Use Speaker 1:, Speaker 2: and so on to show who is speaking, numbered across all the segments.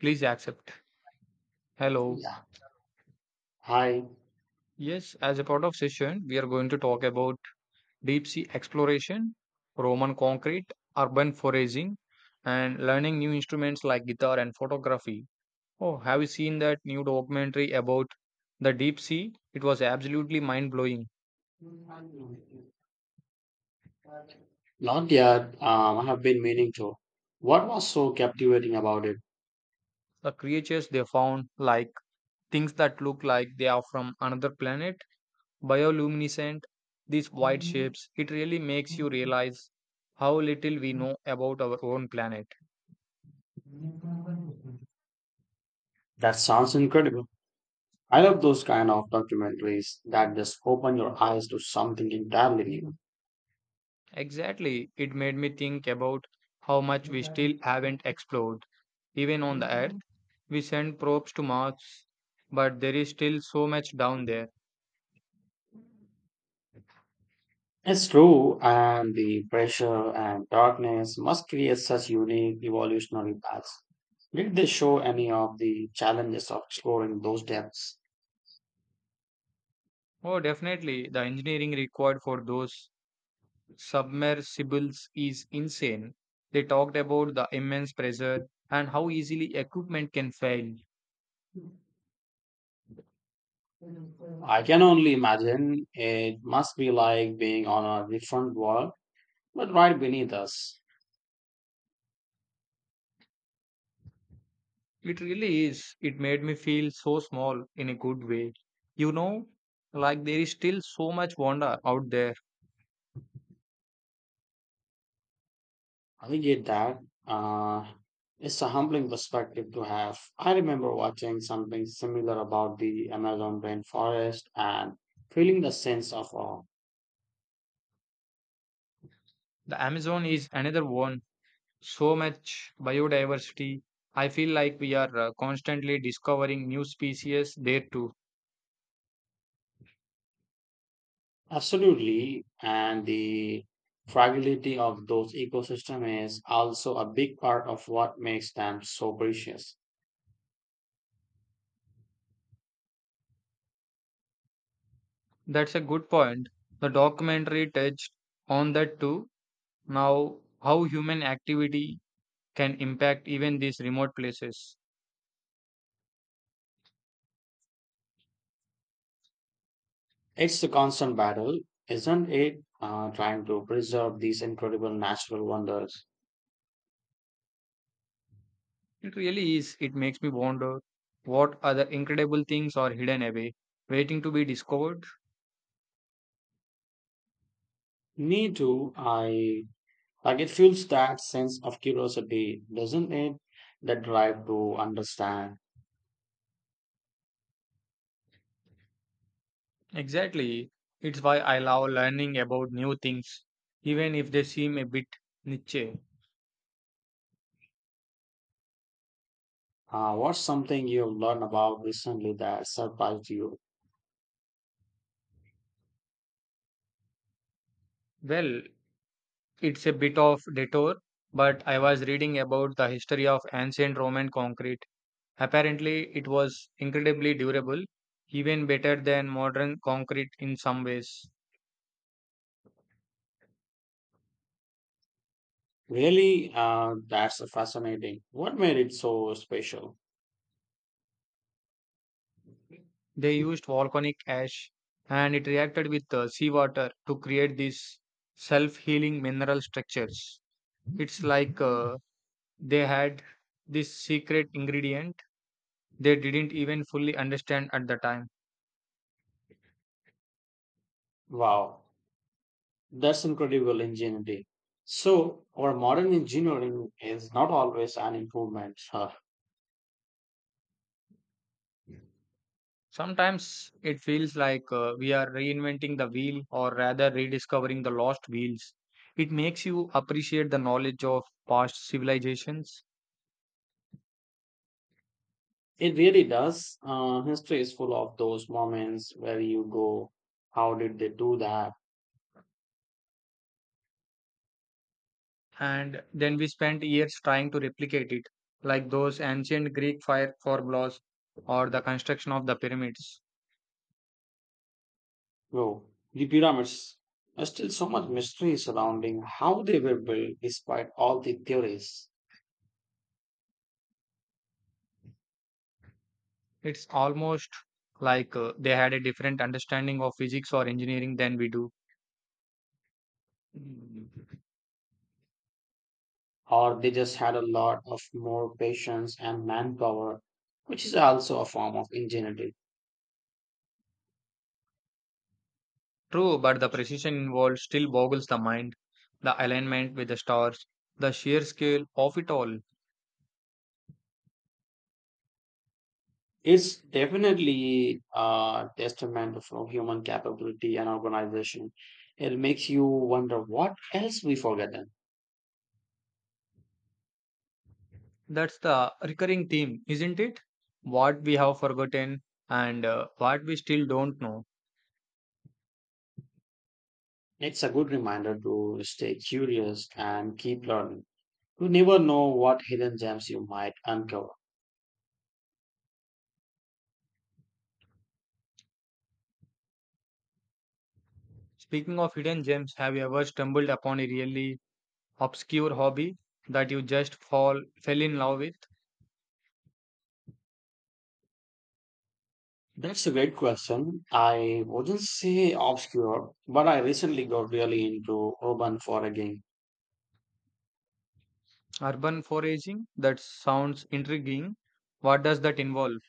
Speaker 1: Please accept. Hello.
Speaker 2: Yeah. Hi.
Speaker 1: Yes, as a part of session, we are going to talk about deep sea exploration, Roman concrete, urban foraging, and learning new instruments like guitar and photography. Oh, have you seen that new documentary about the deep sea? It was absolutely mind blowing.
Speaker 2: Not yet. I have been meaning to. What was so captivating about it?
Speaker 1: The creatures they found, like things that look like they are from another planet, bioluminescent, these white shapes, it really makes you realize how little we know about our own planet.
Speaker 2: That sounds incredible. I love those kind of documentaries that just open your eyes to something entirely
Speaker 1: Exactly. It made me think about how much we
Speaker 2: new.
Speaker 1: still haven't explored. Even on the Earth, we send probes to Mars, but there is still so much down there.
Speaker 2: It's true, and the pressure and darkness must create such unique evolutionary paths. Did they show any of the challenges of exploring those depths?
Speaker 1: Oh, definitely. The engineering required for those submersibles is insane. They talked about the immense pressure and how easily equipment can fail.
Speaker 2: I can only imagine it must be like being on a different world, but right beneath us.
Speaker 1: It really is. It made me feel so small in a good way. You know, like there is still so much wonder out there.
Speaker 2: I get that. Uh, it's a humbling perspective to have. I remember watching something similar about the Amazon rainforest and feeling the sense of awe.
Speaker 1: The Amazon is another one so much biodiversity. I feel like we are constantly discovering new species there too.
Speaker 2: Absolutely. And the fragility of those ecosystems is also a big part of what makes them so precious.
Speaker 1: That's a good point. The documentary touched on that too. Now, how human activity can impact even these remote places.
Speaker 2: It's a constant battle, isn't it? Trying to preserve these incredible natural wonders.
Speaker 1: It really is. It makes me wonder what other incredible things are hidden away, waiting to be discovered.
Speaker 2: Me too. I like it fuels that sense of curiosity, doesn't it? That drive to understand.
Speaker 1: Exactly. It's why I love learning about new things, even if they seem a bit niche.
Speaker 2: What's something you've learned about recently that surprised you?
Speaker 1: Well, it's a bit of detour, but I was reading about the history of ancient Roman concrete. Apparently, it was incredibly durable, even better than modern concrete in some ways.
Speaker 2: Really, that's fascinating. What made it so special?
Speaker 1: They used volcanic ash and it reacted with seawater to create these self healing mineral structures. It's like they had this secret ingredient they didn't even fully understand at the time.
Speaker 2: Wow, that's incredible ingenuity. So, our modern engineering is not always an improvement, huh?
Speaker 1: Sometimes it feels like we are reinventing the wheel or rather rediscovering the lost wheels. It makes you appreciate the knowledge of past civilizations,
Speaker 2: It really does. History is full of those moments where you go, how did they do that?
Speaker 1: and then we spent years trying to replicate it, like those ancient Greek fire formulas or the construction of the pyramids.
Speaker 2: Whoa, the pyramids. There's still so much mystery surrounding how they were built despite all the theories.
Speaker 1: It's almost like they had a different understanding of physics or engineering than we do.
Speaker 2: Or they just had a lot of more patience and manpower, which is also a form of ingenuity.
Speaker 1: True, but the precision involved still boggles the mind. The alignment with the stars, the sheer scale of it all.
Speaker 2: It's definitely a testament of human capability and organization. It makes you wonder what else we forget.
Speaker 1: That's the recurring theme, isn't it? What we have forgotten and what we still don't know.
Speaker 2: It's a good reminder to stay curious and keep learning. You never know what hidden gems you might uncover.
Speaker 1: Speaking of hidden gems, have you ever stumbled upon a really obscure hobby that you just fall fell in love with?
Speaker 2: That's a great question. I wouldn't say obscure, but I recently got really into urban foraging.
Speaker 1: Urban foraging? That sounds intriguing. What does that involve?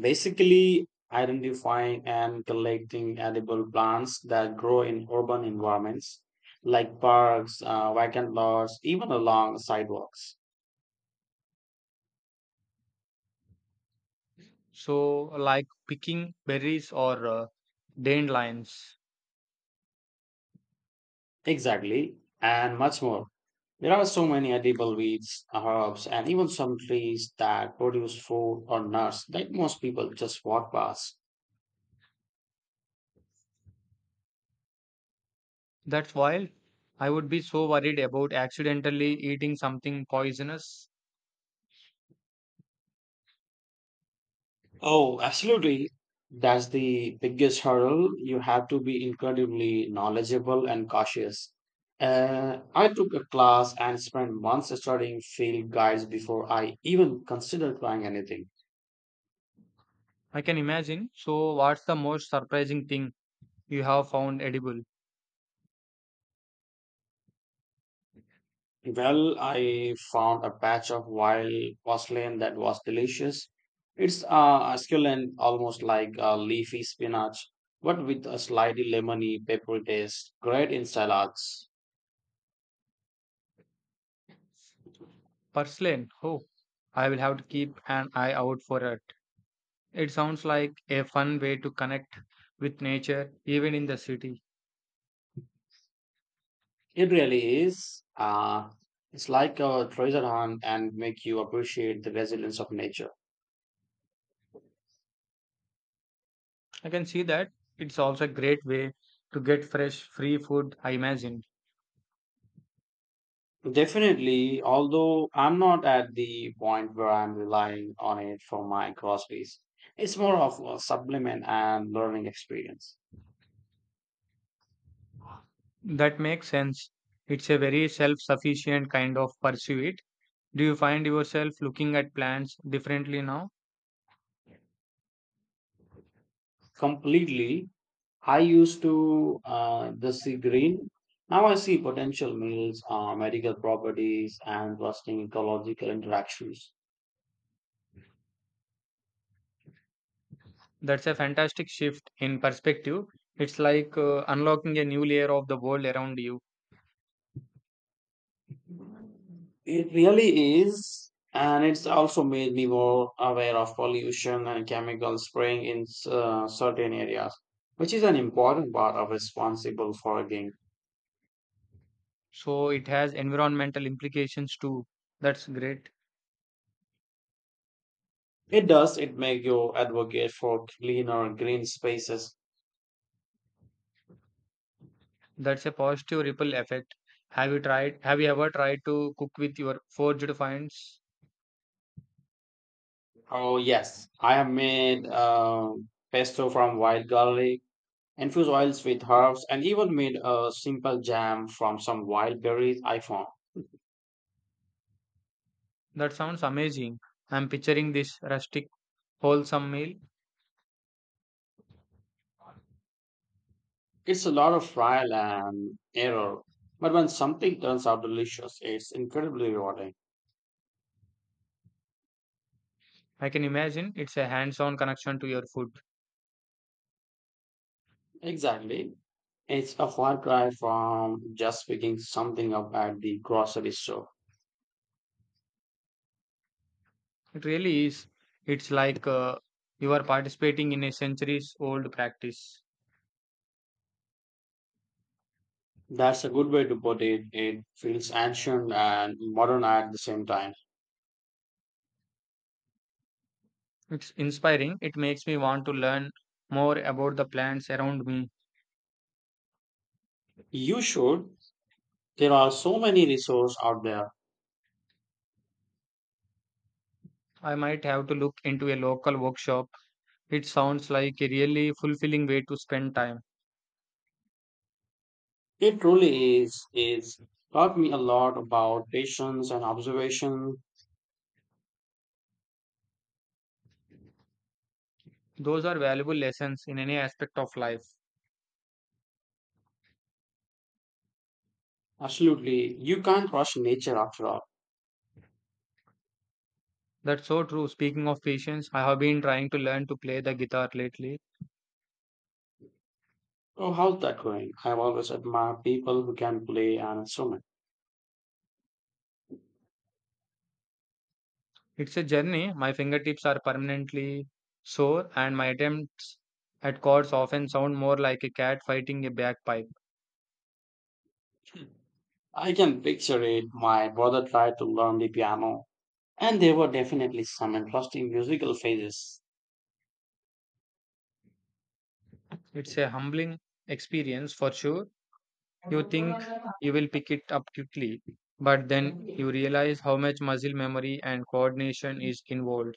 Speaker 2: Basically, identifying and collecting edible plants that grow in urban environments like parks, vacant lots, even along sidewalks.
Speaker 1: So, like picking berries or dandelions.
Speaker 2: Exactly, and much more. There are so many edible weeds, herbs, and even some trees that produce food or nuts that most people just walk past.
Speaker 1: That's wild. I would be so worried about accidentally eating something poisonous.
Speaker 2: Oh, absolutely. That's the biggest hurdle. You have to be incredibly knowledgeable and cautious. I took a class and spent months studying field guides before I even considered trying anything.
Speaker 1: I can imagine. So, what's the most surprising thing you have found edible?
Speaker 2: Well, I found a patch of wild parsley that was delicious. It's succulent, almost like leafy spinach, but with a slightly lemony, peppery taste. Great in salads.
Speaker 1: Purslane. Oh, I will have to keep an eye out for it. It sounds like a fun way to connect with nature, even in the city.
Speaker 2: It really is. It's like a treasure hunt and make you appreciate the resilience of nature.
Speaker 1: I can see that. It's also a great way to get fresh, free food, I imagine.
Speaker 2: Definitely, although I'm not at the point where I'm relying on it for my groceries. It's more of a supplement and learning experience.
Speaker 1: That makes sense. It's a very self sufficient kind of pursuit. Do you find yourself looking at plants differently now?
Speaker 2: Completely. I used to just see green. Now I see potential meals, medical properties, and trusting ecological interactions.
Speaker 1: That's a fantastic shift in perspective. It's like unlocking a new layer of the world around you.
Speaker 2: It really is, and it's also made me more aware of pollution and chemical spraying in certain areas, which is an important part of responsible foraging.
Speaker 1: So it has environmental implications too. That's great.
Speaker 2: It does. It make you advocate for cleaner green spaces.
Speaker 1: That's a positive ripple effect. Have you ever tried to cook with your forged finds?
Speaker 2: Oh yes, I have made pesto from wild garlic, infused oils with herbs, and even made a simple jam from some wild berries I found.
Speaker 1: That sounds amazing. I'm picturing this rustic, wholesome meal.
Speaker 2: It's a lot of trial and error, but when something turns out delicious, it's incredibly rewarding.
Speaker 1: I can imagine it's a hands-on connection to your food.
Speaker 2: Exactly. It's a far cry from just picking something up at the grocery store.
Speaker 1: It really is. It's like you are participating in a centuries old practice.
Speaker 2: That's a good way to put it. It feels ancient and modern at the same time.
Speaker 1: It's inspiring. It makes me want to learn more about the plants around me.
Speaker 2: You should. There are so many resources out there.
Speaker 1: I might have to look into a local workshop. It sounds like a really fulfilling way to spend time.
Speaker 2: It truly is taught me a lot about patience and observation.
Speaker 1: Those are valuable lessons in any aspect of life.
Speaker 2: Absolutely, you can't rush nature after all.
Speaker 1: That's so true. Speaking of patience, I have been trying to learn to play the guitar lately.
Speaker 2: Oh, how's that going? I've always admired people who can play an instrument.
Speaker 1: It's a journey. My fingertips are permanently sore, and my attempts at chords often sound more like a cat fighting a bagpipe.
Speaker 2: I can picture it. My brother tried to learn the piano, and there were definitely some interesting musical phases.
Speaker 1: It's a humbling experience for sure. You think you will pick it up quickly, but then you realize how much muscle memory and coordination is involved.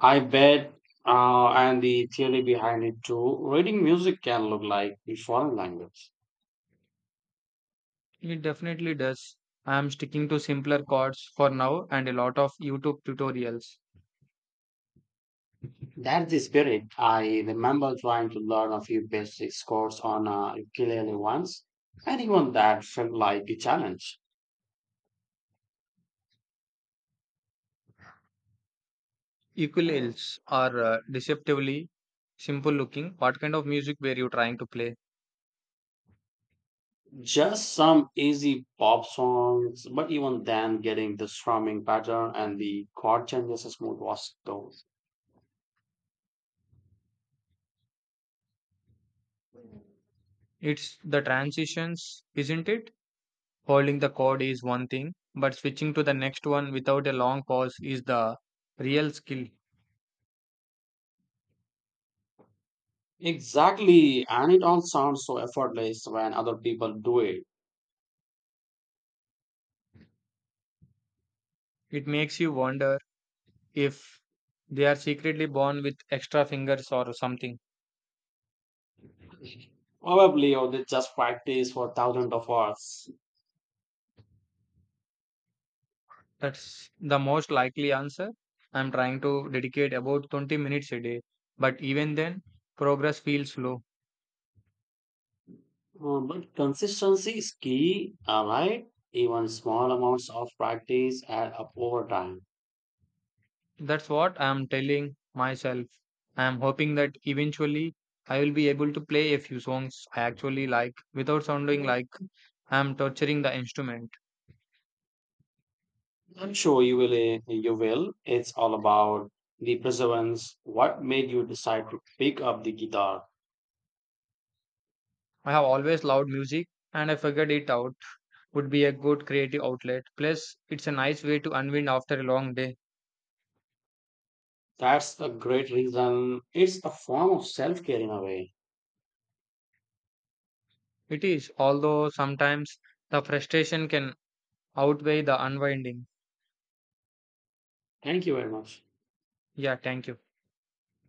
Speaker 2: I bet, and the theory behind it too. Reading music can look like the foreign language.
Speaker 1: It definitely does. I am sticking to simpler chords for now and a lot of YouTube tutorials.
Speaker 2: That's the spirit. I remember trying to learn a few basic chords on a ukulele once, and even that felt like a challenge.
Speaker 1: Ukuleles are deceptively simple looking. What kind of music were you trying to play?
Speaker 2: Just some easy pop songs, but even then, getting the strumming pattern and the chord changes smooth was tough.
Speaker 1: It's the transitions, isn't it? Holding the code is one thing, but switching to the next one without a long pause is the real skill.
Speaker 2: Exactly, and it all sounds so effortless when other people do it.
Speaker 1: It makes you wonder if they are secretly born with extra fingers or something.
Speaker 2: Probably, or they just practice for thousands of hours.
Speaker 1: That's the most likely answer. I'm trying to dedicate about 20 minutes a day, but even then, progress feels slow.
Speaker 2: But consistency is key, right? Even small amounts of practice add up over time.
Speaker 1: That's what I am telling myself. I am hoping that eventually I will be able to play a few songs I actually like without sounding like I am torturing the instrument.
Speaker 2: I'm sure you will. You will. It's all about the perseverance. What made you decide to pick up the guitar?
Speaker 1: I have always loved music and I figured it out would be a good creative outlet. Plus, it's a nice way to unwind after a long day.
Speaker 2: That's a great reason. It's a form of self care in a way.
Speaker 1: It is, although sometimes the frustration can outweigh the unwinding.
Speaker 2: Thank you very much.
Speaker 1: Yeah, thank you.